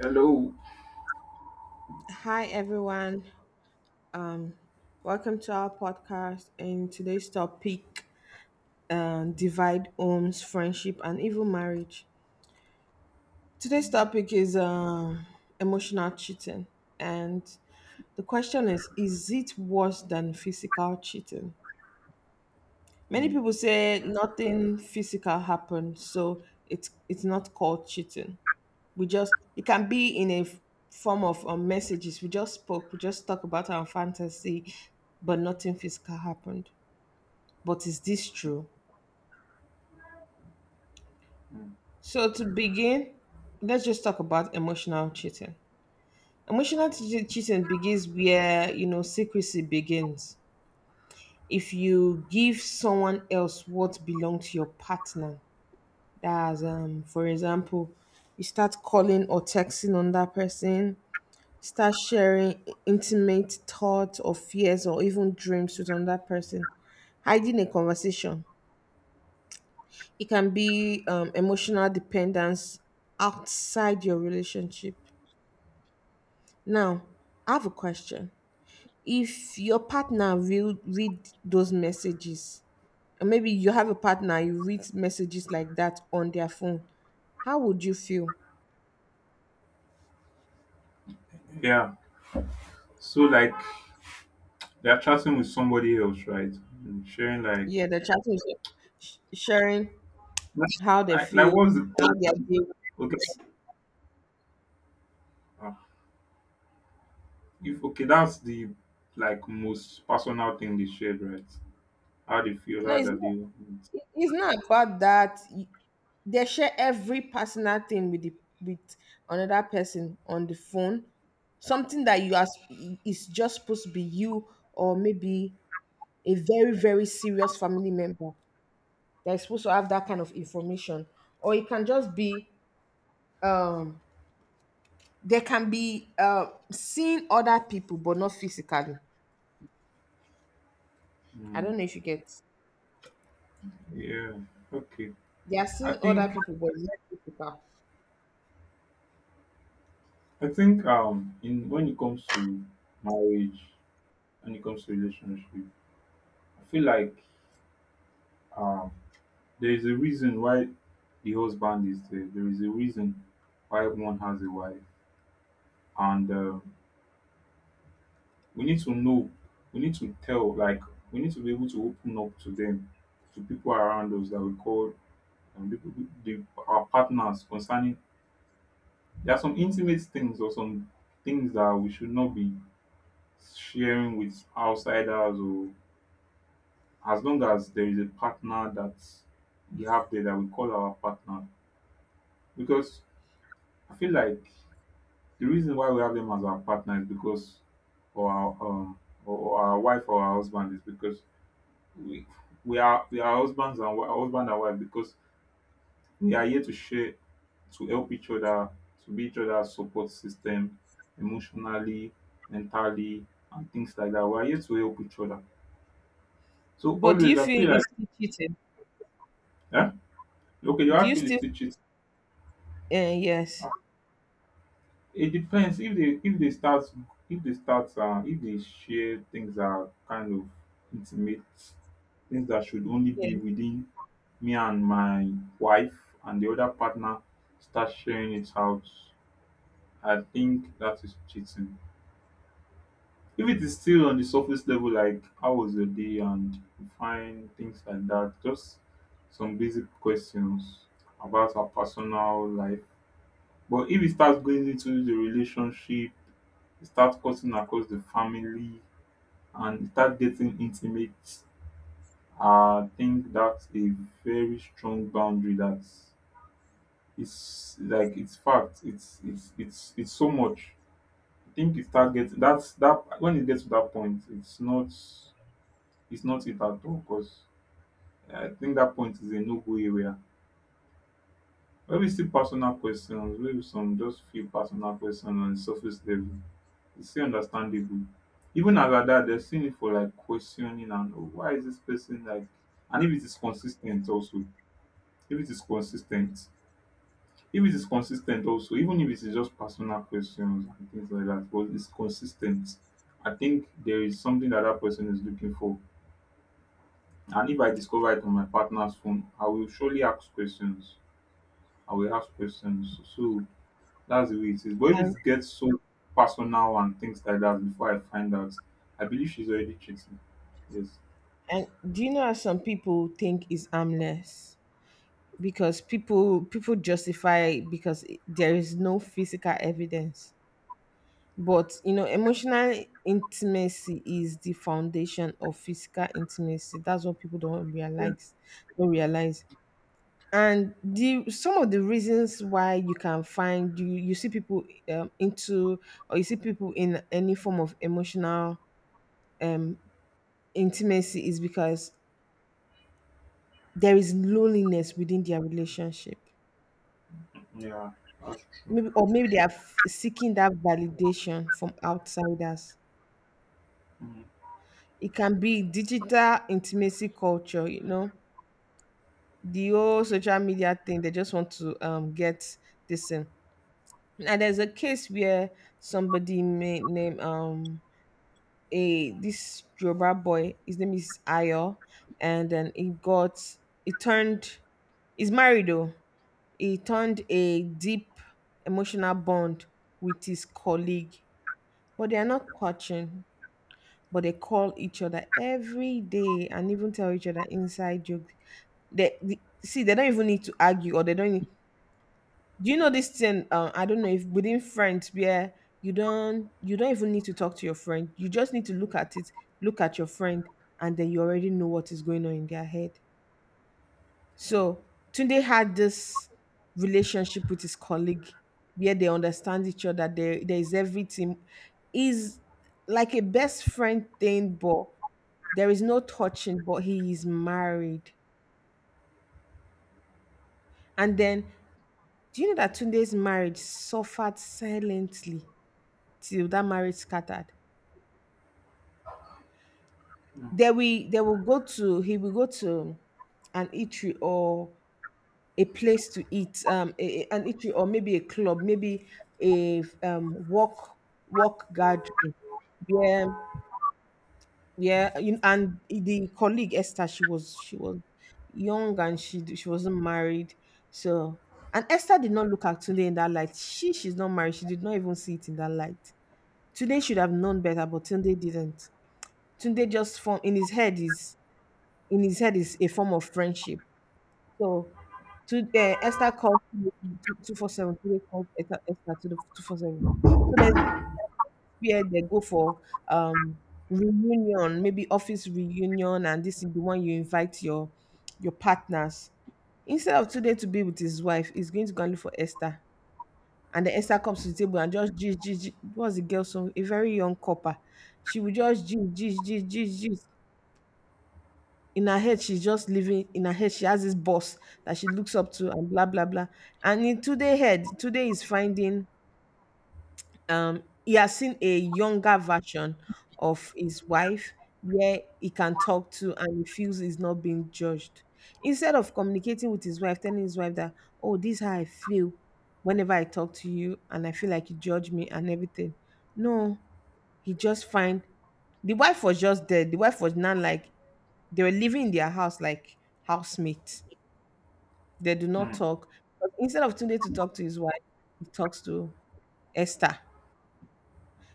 Hello. Hi, everyone. Welcome to our podcast. And today's topic divide homes, friendship, and even marriage. Today's topic is emotional cheating. And the question is it worse than physical cheating? Many Mm. people say nothing physical happened, so it's not called cheating. We just It can be in a form of messages. We just talk about our fantasy, but nothing physical happened. But is this true? Mm. So to begin, let's just talk about emotional cheating. Emotional cheating begins where, you know, secrecy begins. If you give someone else what belongs to your partner, that's, for example, you start calling or texting on that person, start sharing intimate thoughts or fears or even dreams with another person, hiding a conversation. It can be emotional dependence outside your relationship. Now, I have a question. If your partner will read those messages, and maybe you have a partner, you read messages like that on their phone, how would you feel? Yeah. So like, they're chatting with somebody else, right? And sharing like Yeah, the chat is sharing that's- how they like, like feel, what's the how they are co- being. okay. uh, if okay, that's the like most personal thing they shared, right? How they feel, No, how it's that they. not. It's not about that. They share every personal thing with the with another person on the phone. Something that you ask is just supposed to be you, or maybe a very very serious family member that is supposed to have that kind of information. Or it can just be, um they can be, seeing other people but not physically. I Mm. don't know if you get. Yeah. Okay. They are I seeing think other people but not physical. I think in when it comes to marriage, when it comes to relationship, I feel like um there is a reason why the husband is there. There is a reason why one has a wife. And we need to know, we need to tell, like, we need to be able to open up to them, to people around us that we call people, our partners concerning. There are some intimate things or some things that we should not be sharing with outsiders, or as long as there is a partner that we have there that we call our partner. Because I feel like the reason why we have them as our partner is because or our or our wife or our husband is because we we are husbands and wi- husband and wife, because we are here to share, to help each other, to be each other's support system, emotionally, mentally, and things like that. We are here to help each other. So But do always you I feel feel like. it's still cheating? Eh? Okay, your Do wife you feel is still still cheating. Yes. It depends if they start, if they share things that are kind of intimate, things that should only be Yes. within me and my wife, and the other partner start sharing it out. I think that is cheating. If it is still on the surface level, like how was your day and you find things like that, just some basic questions about our personal life. But if it starts going into the relationship, e start cutting across the family, and e start getting intimate, I think that's a very strong boundary that it's like it's fact. It's so much. I think it start getting that's that When it gets to that point, it's not, it's not it at all, because I think that point is a no-go area. Maybe still personal questions, maybe some just few personal questions on the surface level. It's still understandable. Even as a dad, there's seen it for like questioning and, oh, why is this person like, and if it is consistent also. If it is consistent. If it is consistent also, even if it is just personal questions and things like that, but it's consistent, I think there is something that that person is looking for. And if I discover it on my partner's phone, I will surely ask questions. I will ask questions. So that's the way it is. But if And, it gets so personal and things like that before I find out, I believe she's already cheating. Yes. and do you know how some people think is harmless? Because people justify it because it- there is no physical evidence. But you know, emotional intimacy is the foundation of physical intimacy. That's what people don't Yeah. realize. Don't realize. And the some of the reasons why you can find you see people into, or you see people in any form of emotional um intimacy is because there is loneliness within their relationship. Yeah. That's true. Maybe, or maybe they are seeking that validation from outsiders. Mm, It can be digital intimacy culture, you know, the whole social media thing. They just want to get this in. Now there's a case where somebody may name, a this Yoruba boy. His name is Ayo, and then he turned. He's married though. He turned a deep emotional bond with his colleague, but they are not coaching, but they call each other every day and even tell each other inside jokes. See, they don't even need to argue, or they don't Do you know this thing? I don't know if within friends where you don't even need to talk to your friend. You just need to look at it, look at your friend, and then you already know what is going on in their head. So Tunde had this relationship with his colleague where they understand each other. There is everything. Is like a best friend thing, but there is no touching, but he is married. And then do you know that Tunde's marriage suffered silently till that marriage scattered? They will go to He will go to an eatery or a place to eat, an eatery, or maybe a club, maybe a, walk gathering. Yeah, yeah. You- And the colleague Esther, she was young, and she wasn't married, so. And Esther did not look at Tunde in that light. She's not married. She did not even see it in that light. Tunde should have known better, but Tunde didn't. Tunde just form in his head is In his head is a form of friendship. So, to Esther calls 24/7. Today Call Esther, Esther to the 24/7. So there's a period they go for, um reunion, maybe office reunion, and this is the one you invite your partners. Instead of today to be with his wife, he's going to go and look for Esther. And then Esther comes to the table and just gist, gist, gist. What's the girl song? A very young copper. She will just gist, gist, gist, gist, gist. In her head, she's just living in her head. She has this boss that she looks up to and blah blah blah. And in today head, today is finding, he has seen a younger version of his wife where he can talk to, and he feels he's not being judged. Instead of communicating with his wife, telling his wife that, oh, this is how I feel whenever I talk to you, and I feel like you judge me and everything. No, he just find. The wife was just there. The wife was not like. They were living in their house like housemates. They do not mm, talk. But instead of Tunde to talk to his wife, he talks to Esther.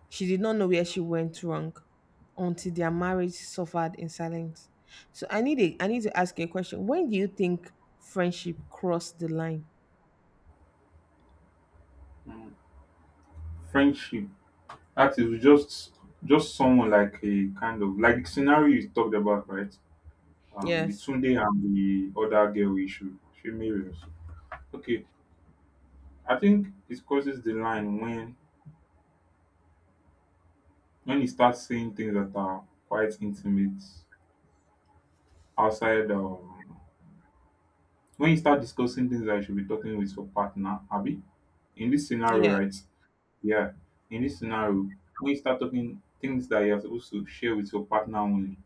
She did not know where she went wrong until their marriage suffered in silence. So I need a, I need to ask you a question. When do you think friendship crossed the line? mm. Friendship. That is just someone, like a kind of like the scenario you talked about, right? The Yes. Tunde and the other girl issue. She married us. Okay. I think it crosses the line when you start saying things that are quite intimate outside when you start discussing things that you should be talking with your partner, Abby, in this scenario, Yeah. right? Yeah, in this scenario, when you start talking things that you're supposed to share with your partner only,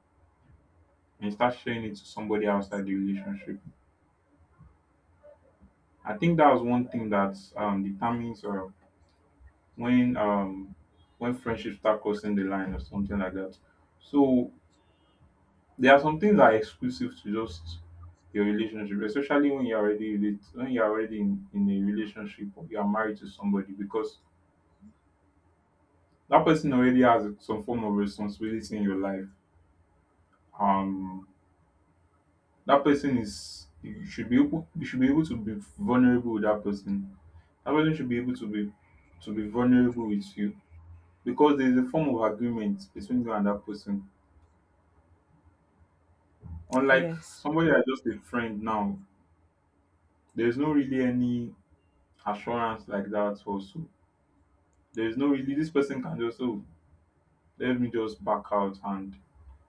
and you start sharing it to somebody outside the relationship, I think that was one thing that determines when um, when friendships start crossing the line or something like that. So there are some things that are exclusive to just your relationship, especially when you're already when you're already in a relationship, or you are married to somebody, because that person already has some form of responsibility in your life. Um, that person is, you should be able, you should be able to be vulnerable with that person. That person should be able to be vulnerable with you, because there is a form of agreement between you and that person. Unlike Yes. somebody that's just a friend now, there is no really any assurance like that. Also, there is no really, this person can just, oh, let me just back out. And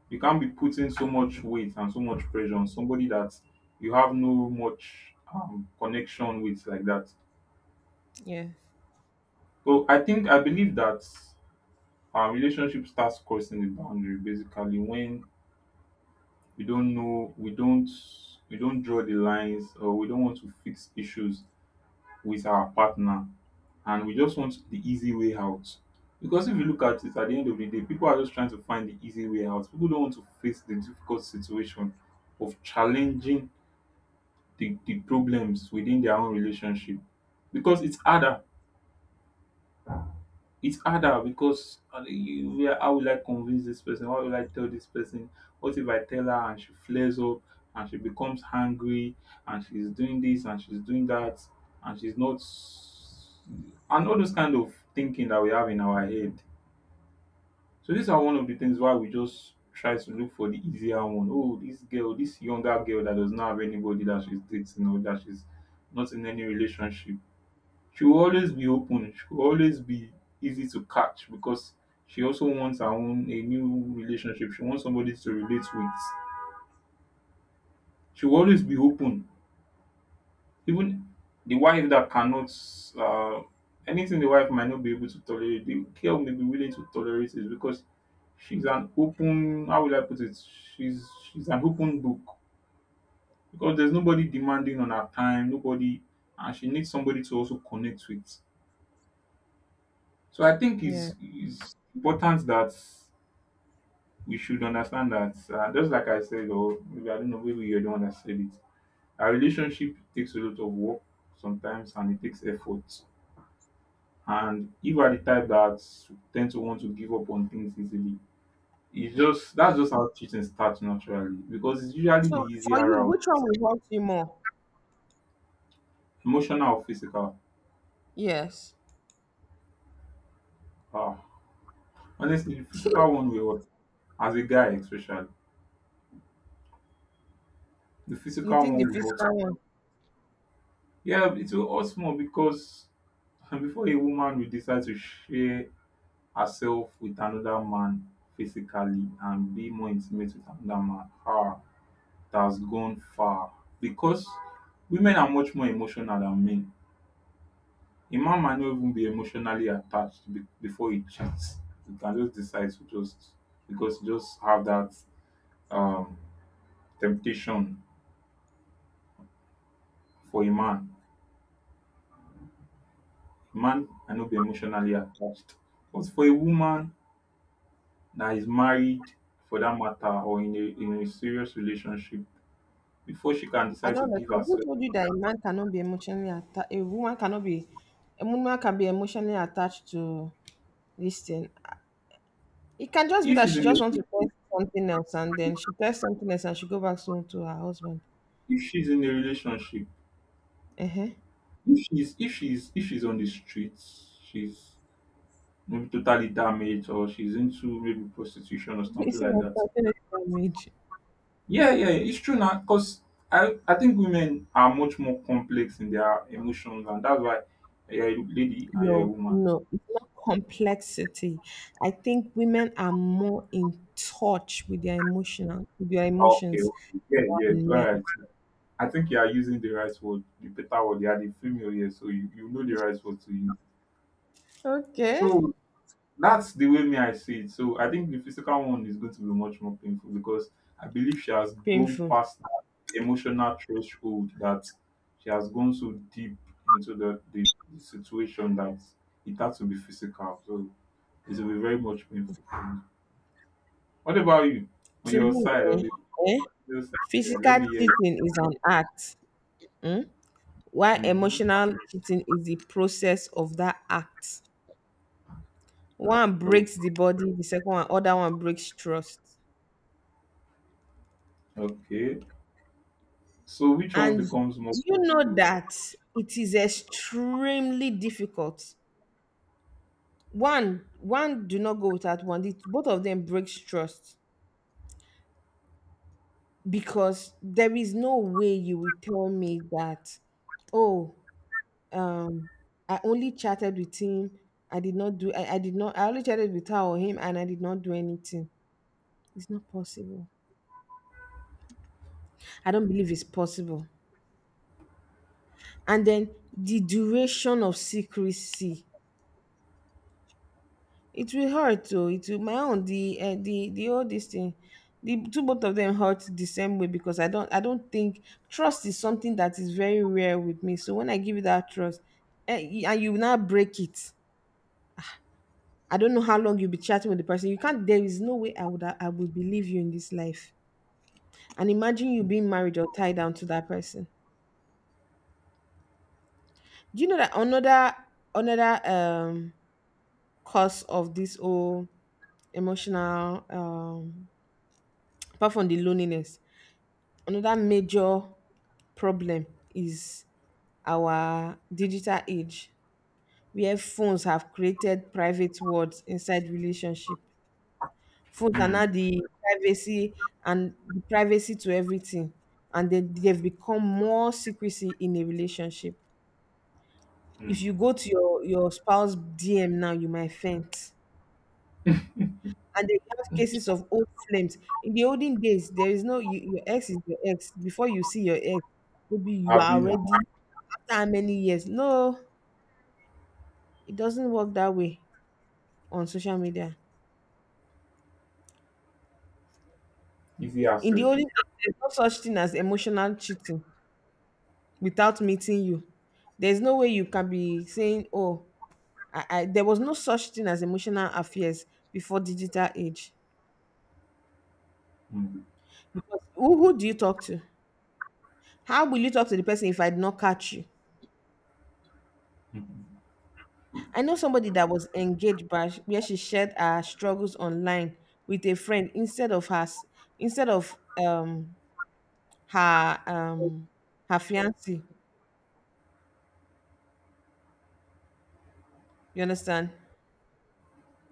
you can't be putting so much weight and so much pressure on somebody that you have no much connection with like that. Yes. So I think, I believe that our relationship starts crossing the boundary basically when we don't know we don't we don't draw the lines, or we don't want to fix issues with our partner, and we just want the easy way out. Because if you look at it at the end of the day, people are just trying to find the easy way out. People don't want to face the difficult situation of challenging the problems within their own relationship because it's harder. It's harder because how will I convince this person? How will I tell this person? What if I tell her and she flares up, and she becomes angry, and she's doing this and she's doing that, and she's not, and all those kind of thinking that we have in our head. So these are one of the things why we just try to look for the easier one. Oh, this girl, this younger girl that does not have anybody that she's dating, or that she's not in any relationship, she will always be open, she will always be easy to catch, because she also wants her own a new relationship. She wants somebody to relate with. She will always be open. Even the wife that cannot uh, anything the wife might not be able to tolerate, the girl may be willing to tolerate it because she's an open, how will I put it? She's an open book. Because there's nobody demanding on her time, nobody, and she needs somebody to also connect with. So I think Yeah. It's important that we should understand that just like I said, or maybe I don't know, maybe you're the one that said it. A relationship takes a lot of work sometimes, and it takes effort. And if you are the type that tend to want to give up on things easily, it's just, that's just how cheating starts naturally, because it's usually the So for easier you, route, which one will hurt you more? emotional or physical. Yes. Ah, honestly, the physical one will hurt, as a guy, especially the You physical think the one will hurt. physical one? Yeah, it will hurt more because before a woman will decide to share herself with another man physically and be more intimate with another man. Ah, that's gone far. Because women are much more emotional than men. A man might not even be emotionally attached before he cheats. He can just decide to just, because he just have that um temptation. For a man, a man might not be emotionally attached. But for a woman that is married, for that matter, or in a serious relationship, before she can I decide don't to give understand. Who herself. told you that a man cannot be emotionally attached? A woman cannot be. A woman can be emotionally attached to this thing. It can just be If that she's she in just a, wants to test something else, and then she tests something else, and she go back soon to her husband. if she's in a relationship, Uh-huh. If she's on the streets, she's maybe totally damaged, or she's into maybe prostitution or something It's like not that. attachment damage. Yeah, yeah, it's true now, because I think women are much more complex in their emotions, and that's why you're a lady and you're a No, woman. no, it's not complexity. I think women are more in touch with their emotional, with their Okay, emotions okay, yeah, yeah, than all men. right. I think you are using the right word, the better word. You are the female here, so you know the right word to use. Okay. So that's the way me I see it. So I think the physical one is going to be much more painful because I believe she has gone Painful past that emotional threshold, that she has gone so deep into the situation that it had to be physical. So it will be very much painful for me. What about you? On to your me. side, on Eh? the Eh? female side, eh, let Physical me hear you. cheating is an act, mm, while Hmm. emotional cheating is the process of that act. One Oh, breaks the body, the second one, other one breaks trust. okay. So which one And becomes more you know painful? that it is extremely difficult. One do not go without one. The- both of them breaks trust because there is no way you will tell me that, oh, um I only chatted with him. I did not. I only chatted with her or him, and I did not do anything. It's not possible. I don't believe it's possible. And then the duration of secrecy. It will hurt though. It will. My own the, the all this thing. The two, both of them hurt the same way because I don't think trust is something that is very rare with me. So when I give you that trust, eh, and you now break it. I don't know how long you'll be chatting with the person. You can't. There is no way I would believe you in this life. And imagine you being married or tied down to that person. Do you know that another, cause of this whole emotional, apart from the loneliness, another major problem is our digital age where phones have created private worlds inside relationship. Phones are now Mm, the privacy, and the privacy to everything, and then they've become more secrecy in a relationship. If you mm. go to your spouse DM now, you might faint. And they have cases of old flames. In the olden days, there is no you, your ex is your ex. Before you see your ex, maybe you I've are already after how many years? No, it doesn't work that way on social media. easy In the access. olden days, there's no such thing as emotional cheating. Without meeting you. There's no way you can be saying, "Oh, I there was no such thing as emotional affairs before digital age." Mm. Because who do you talk to? How will you talk to the person if I did not catch you? I know somebody that was engaged, but sh- where she shared her struggles online with a friend instead of her instead of um her um her fiance. You understand?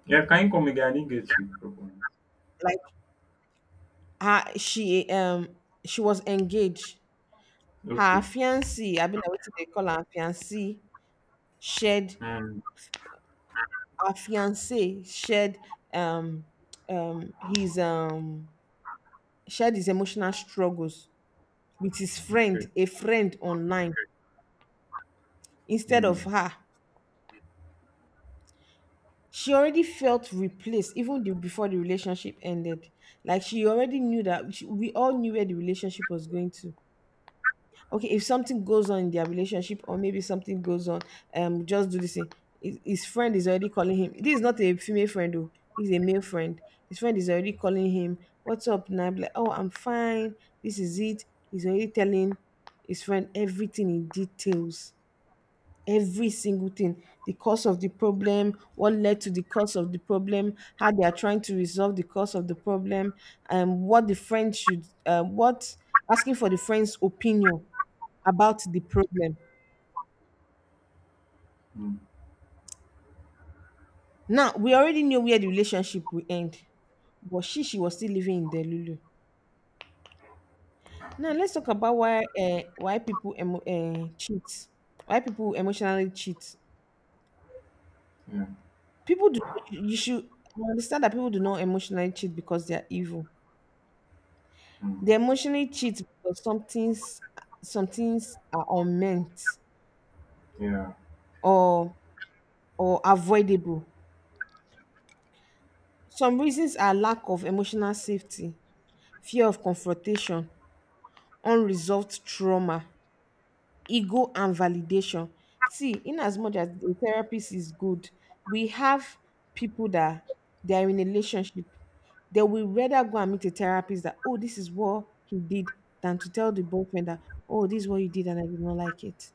Yeah, can you come again? I didn't get you properly. Like her, she was engaged. Her Okay. fiancé, I mean, what they call her fiancé, shared Mm, her fiancé shared, um um his um his emotional struggles with his okay. friend, a friend online, instead of Mm, her. She already felt replaced even before the relationship ended. Like she already knew that we all knew where the relationship was going to. Okay, if something goes on in their relationship, or maybe something goes on, just do this thing, his friend is already calling him. This is not a female friend though, he's a male friend. His friend is already calling him, what's up now? Be like, oh, I'm fine, this is it. He's already telling his friend everything in details, every single thing: the cause of the problem, what led to the cause of the problem, how they are trying to resolve the cause of the problem, and what the friend should what asking for the friend's opinion about the problem. mm, Now we already knew where the relationship will end, but she was still living in Delulu. Now let's talk about why people cheat, why people emotionally cheat. yeah. People do not, you should understand that people do not emotionally cheat because they are evil. Mm, They emotionally cheat because some things are unmeant yeah. or or avoidable. Some reasons are lack of emotional safety, fear of confrontation, unresolved trauma, ego and validation. See, in as much as the therapist is good, we have people that they are in a relationship. They will rather go and meet a therapist that, oh, this is what he did, than to tell the boyfriend that, oh, this is what you did and I did not like it.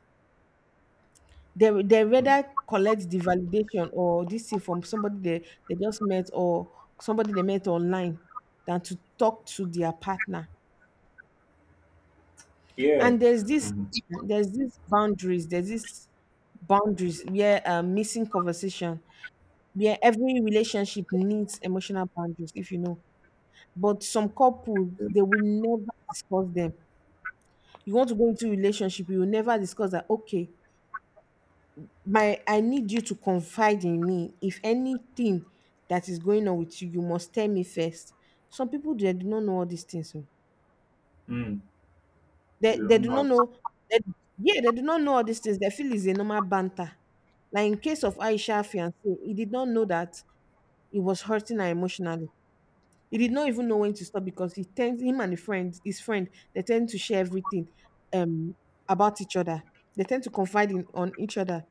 They Mm, rather collect the validation or this thing from somebody they just met, or somebody they met online, than to talk to their partner. yeah. And there's this, Mm, there's this boundaries, there's this boundaries where, missing conversation, where every relationship needs emotional boundaries, if you know. But some couples, they will never discuss them. You want to go into a relationship, you will never discuss that. Okay, my, I need you to confide in me. If anything that is going on with you, you must tell me first. Some people, they do not know all these things, oh. mm. They You they don't do know how not to. know that, yeah, they do not know all these things. They feel it's a normal banter. Like in case of Aisha fiance, he did not know that it was hurting her emotionally. He did not even know when to stop, because he tends him and a friend, his friend, they tend to share everything um about each other. They tend to confide in on each other,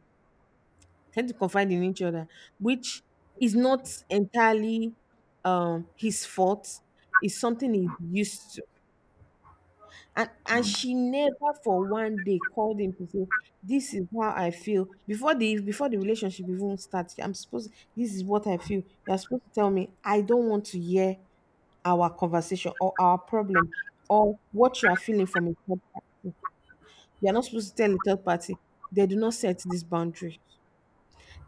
tend to confide in each other, which is not entirely his fault. It's something he's used. And Mm, she never for one day called him to say, this is how I feel. Before the relationship even starts, I'm supposed, this is what I feel. You're supposed to tell me, I don't want to hear our conversation or our problem or what you are feeling from a third party. You're not supposed to tell a third party. They do not set this boundary.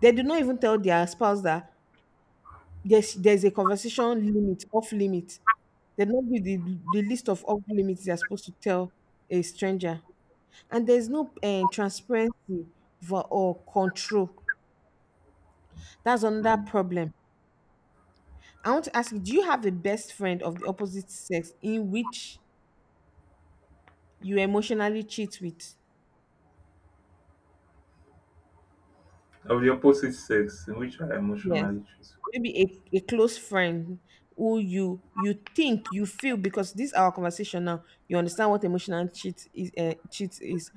They do not even tell their spouse that there's a conversation limit, off limit. They do not give the list of off limits they are supposed to tell a stranger. And there's no transparency for, or control. That's another mm. problem. I want to ask you, do you have a best friend of the opposite sex in which you emotionally cheat with? Of the opposite sex, in which are Yes. emotionally truthful. Maybe a close friend who you think you feel, because this is our conversation now. You understand what emotional cheat is,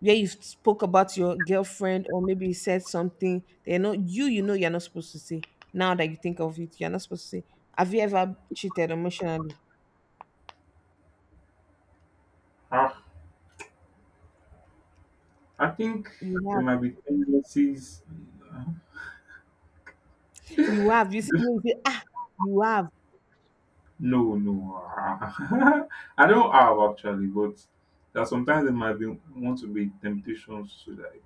where you spoke about your girlfriend, or maybe you said something that you know you know you're not supposed to say, now that you think of it, you're not supposed to say. Have you ever cheated emotionally? Ah, I think You there have. might be tendencies. uh, You have. You see, you say ah, you have. No, no. Ah. I don't have actually, but that sometimes there might be want to be temptations to like.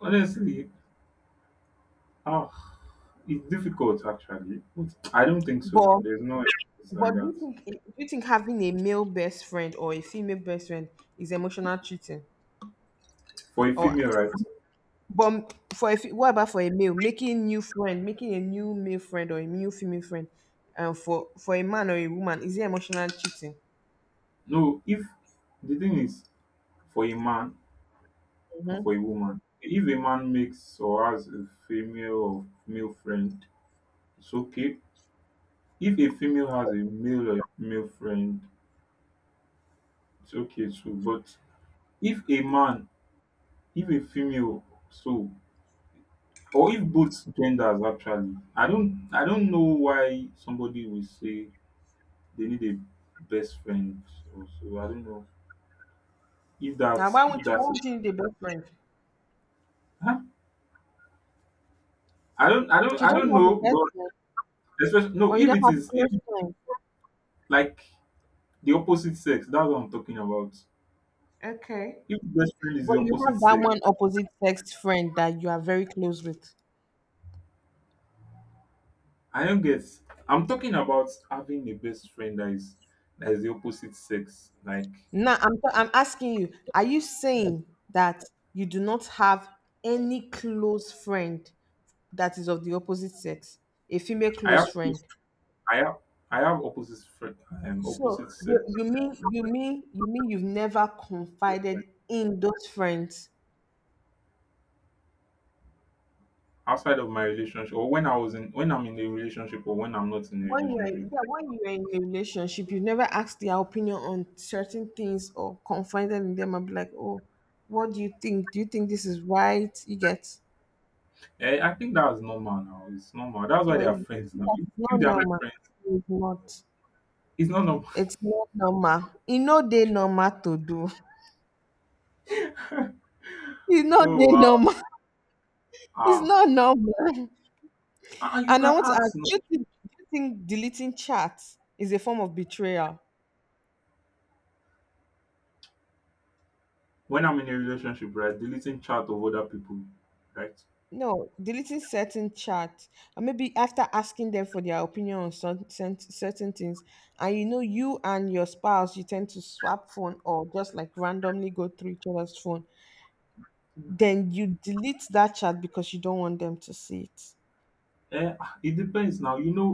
Honestly, oh, it's difficult actually. But I don't think so. but There's no it's but like do that. you think, do you think having a male best friend or a female best friend is emotional cheating? For a Or, female, right? but for what about for a male making new friend, making a new male friend or a new female friend, for a man or a woman, is it emotional cheating? No, if the thing is, for a man or for a woman, if a man makes or has a female or male friend, it's okay. If a female has a male or male friend, it's okay too. But if a man, if a female, so or if both genders actually, I don't know why somebody will say they need a best friend also. I don't know if Now, that's if why that's it. won't you need a best friend? Huh? I don't I don't You I don't don't have a know, best friend, but especially no or you if don't it have a is if, close friend? like, the opposite sex. That's what I'm talking about. Okay, If best friend is the but you opposite have that sex, one opposite sex friend that you are very close with. I don't get. I'm talking about having a best friend that is the opposite sex. Like, Now, I'm, I'm asking you, are you saying that you do not have any close friend that is of the opposite sex, a female I close have friend? I have opposite friend, So, opposite You, sex you uh, mean, you mean you've never best friend confided in those friends? outside of my relationship, or when I was in when I'm in a relationship, or when I'm not in a When you're, relationship. yeah, when you're in a relationship, you never ask their opinion on certain things or confided in them and be like, oh, what do you think? Do you think this is right? You get, Yeah, I think that's normal now. It's normal. That's why no, they are it's, friends now. If it's if not they are not normal. friends, It's not. it's not normal. It's not normal. You know they normal to do. It's not Oh, they wow. normal. It's Ah. not normal. Ah, ah, you And I can want to ask, ask now. Do you think deleting chats is a form of betrayal? When I'm in a relationship, right? Deleting chat of other people, right? No, deleting certain chats, and maybe after asking them for their opinion on certain certain things, and you know, you and your spouse, you tend to swap phone, or just like randomly go through each other's phone. Then you delete that chat because you don't want them to see it. Eh, ah, it depends now. You know,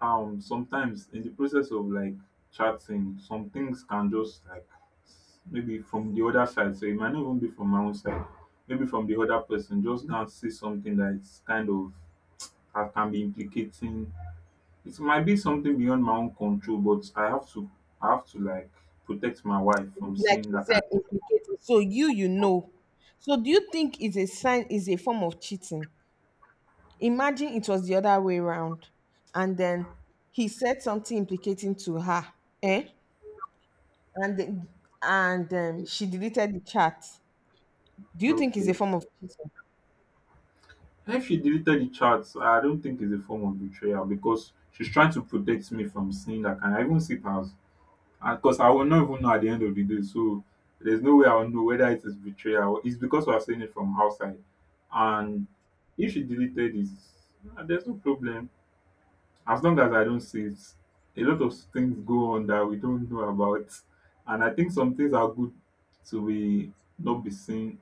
sometimes in the process of like chatting, some things can just like maybe from the other side. So it might not even be from my own side. Maybe from the other person, just can see something that's kind of, that can be implicating. It might be something beyond my own control, but I have to like protect my wife from Like seeing you that said, kind. implicating. So you know. So do you think is a sign, is a form of cheating? Imagine it was the other way around, and then he said something implicating to her. Eh? And she deleted the chat. Do you think it's a Okay. form of cheating? If she deleted the chats, I don't think it's a form of betrayal, because she's trying to protect me from seeing that kind. I even see it as, because I will not even know at the end of the day. So there's no way I'll know whether it is betrayal. It's because we're seeing it from outside. And if she deleted it, ah, there's no problem, as long as I don't see it. A lot of things go on that we don't know about. And I think some things are good to be not be seen,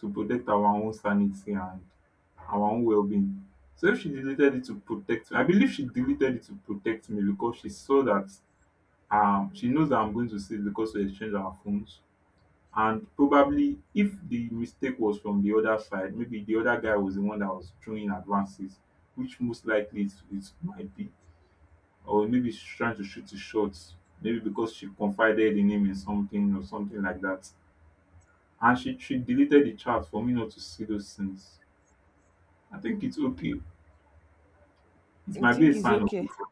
to protect our own sanity and our own well being. So if she deleted it to protect me, I believe she deleted it to protect me, because she saw that, she knows that I'm going to see it because we exchange our phones. And probably if the mistake was from the other side, maybe the other guy was the one that was throwing advances, which most likely it might be. Or maybe she's trying to shoot it short. Maybe because she confided in him in something or something like that. And she deleted the chat for me not to see those things. I think it's okay. It I might be a think it's sign of okay. love.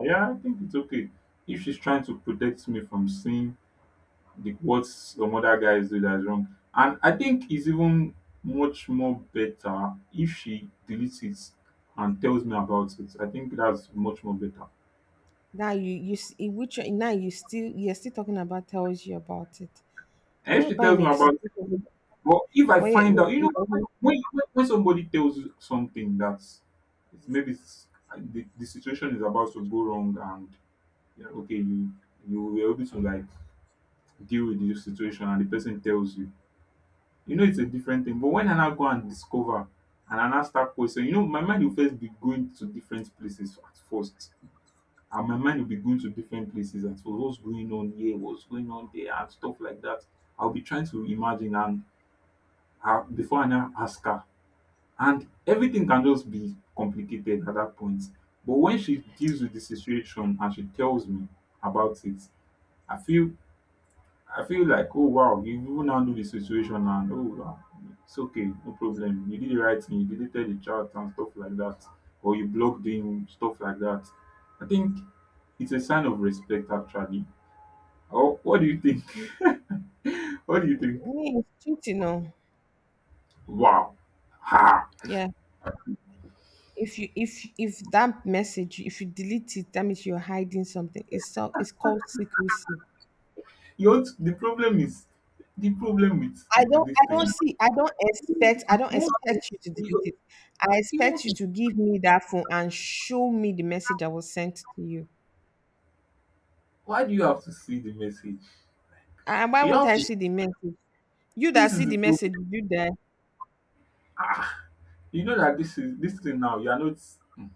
Yeah, I think it's okay. If she's trying to protect me from seeing what some other guys do, that's wrong. And I think it's even much more better if she deletes it and tells me about it. I think that's much more better. Now you in which now you still, you're still talking about tells you about it. And What if she about tells in me a about. situation But if I find out, where you know, it doesn't- when somebody tells you something that's, it's maybe it's, the situation is about to go wrong, and you're like, okay, you were able to like deal with the situation, and the person tells you, you know, it's a different thing. But when I now go and discover, and I now start questioning, you know, my mind will first be going to different places at first. And my mind will be going to different places at first. What's going on here? What's going on there? And stuff like that. I'll be trying to imagine, and before I now ask her, and everything can just be complicated at that point. But when she deals with the situation and she tells me about it, i feel I feel like, oh wow, you even handle the situation. And oh wow, it's okay, no problem, you did the right thing, you deleted the chat and stuff like that, or you blocked him, stuff like that. I think it's a sign of respect, actually. Or what do you think? What do you think? yeah, it's cheating? No, Wow. Ha. yeah. If you, if that message, if you delete it, that means you're hiding something. It's, so it's called secrecy. You want, the problem is, the problem with I don't this I thing. don't see, I don't You want to? expect you to Even delete it. I you, expect want? you to give me that phone and show me the message that was sent to you. Why do you have to see the message? And why You won't have I to, see the message? You that this see is the the problem. message, did you die. You know that this is this thing now. You are not. Mm.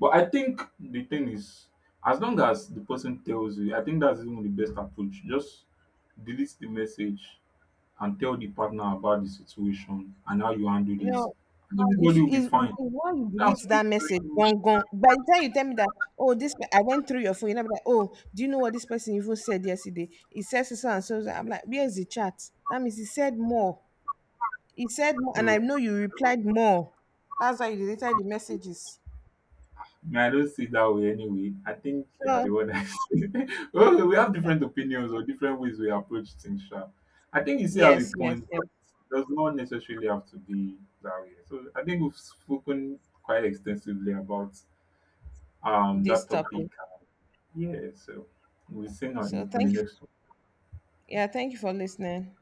But I think the thing is, as long as the person tells you, I think that's even the best approach. Just delete the message and tell the partner about the situation and how you handle You it. know, if Everybody will be if fine. when you That's. delete that message, gone, gone. By the time you tell me that, oh, this pe-, I went through your phone, you know, be like, oh, do you know what this person even said yesterday? He says so so and so. So," I'm like, where's the chat? That means he said more. He said more, and I know you replied more. That's why you deleted the messages. No, I don't see it that way anyway. I think you are the So one that well, we have different opinions or different ways we approach things. Sha. I think you see how we yes, yes, point, yes. but it does not necessarily have to be that way. So I think we've spoken quite extensively about that This topic. topic. Yeah, so we'll see So on on the thank you. next Yeah, thank you for listening.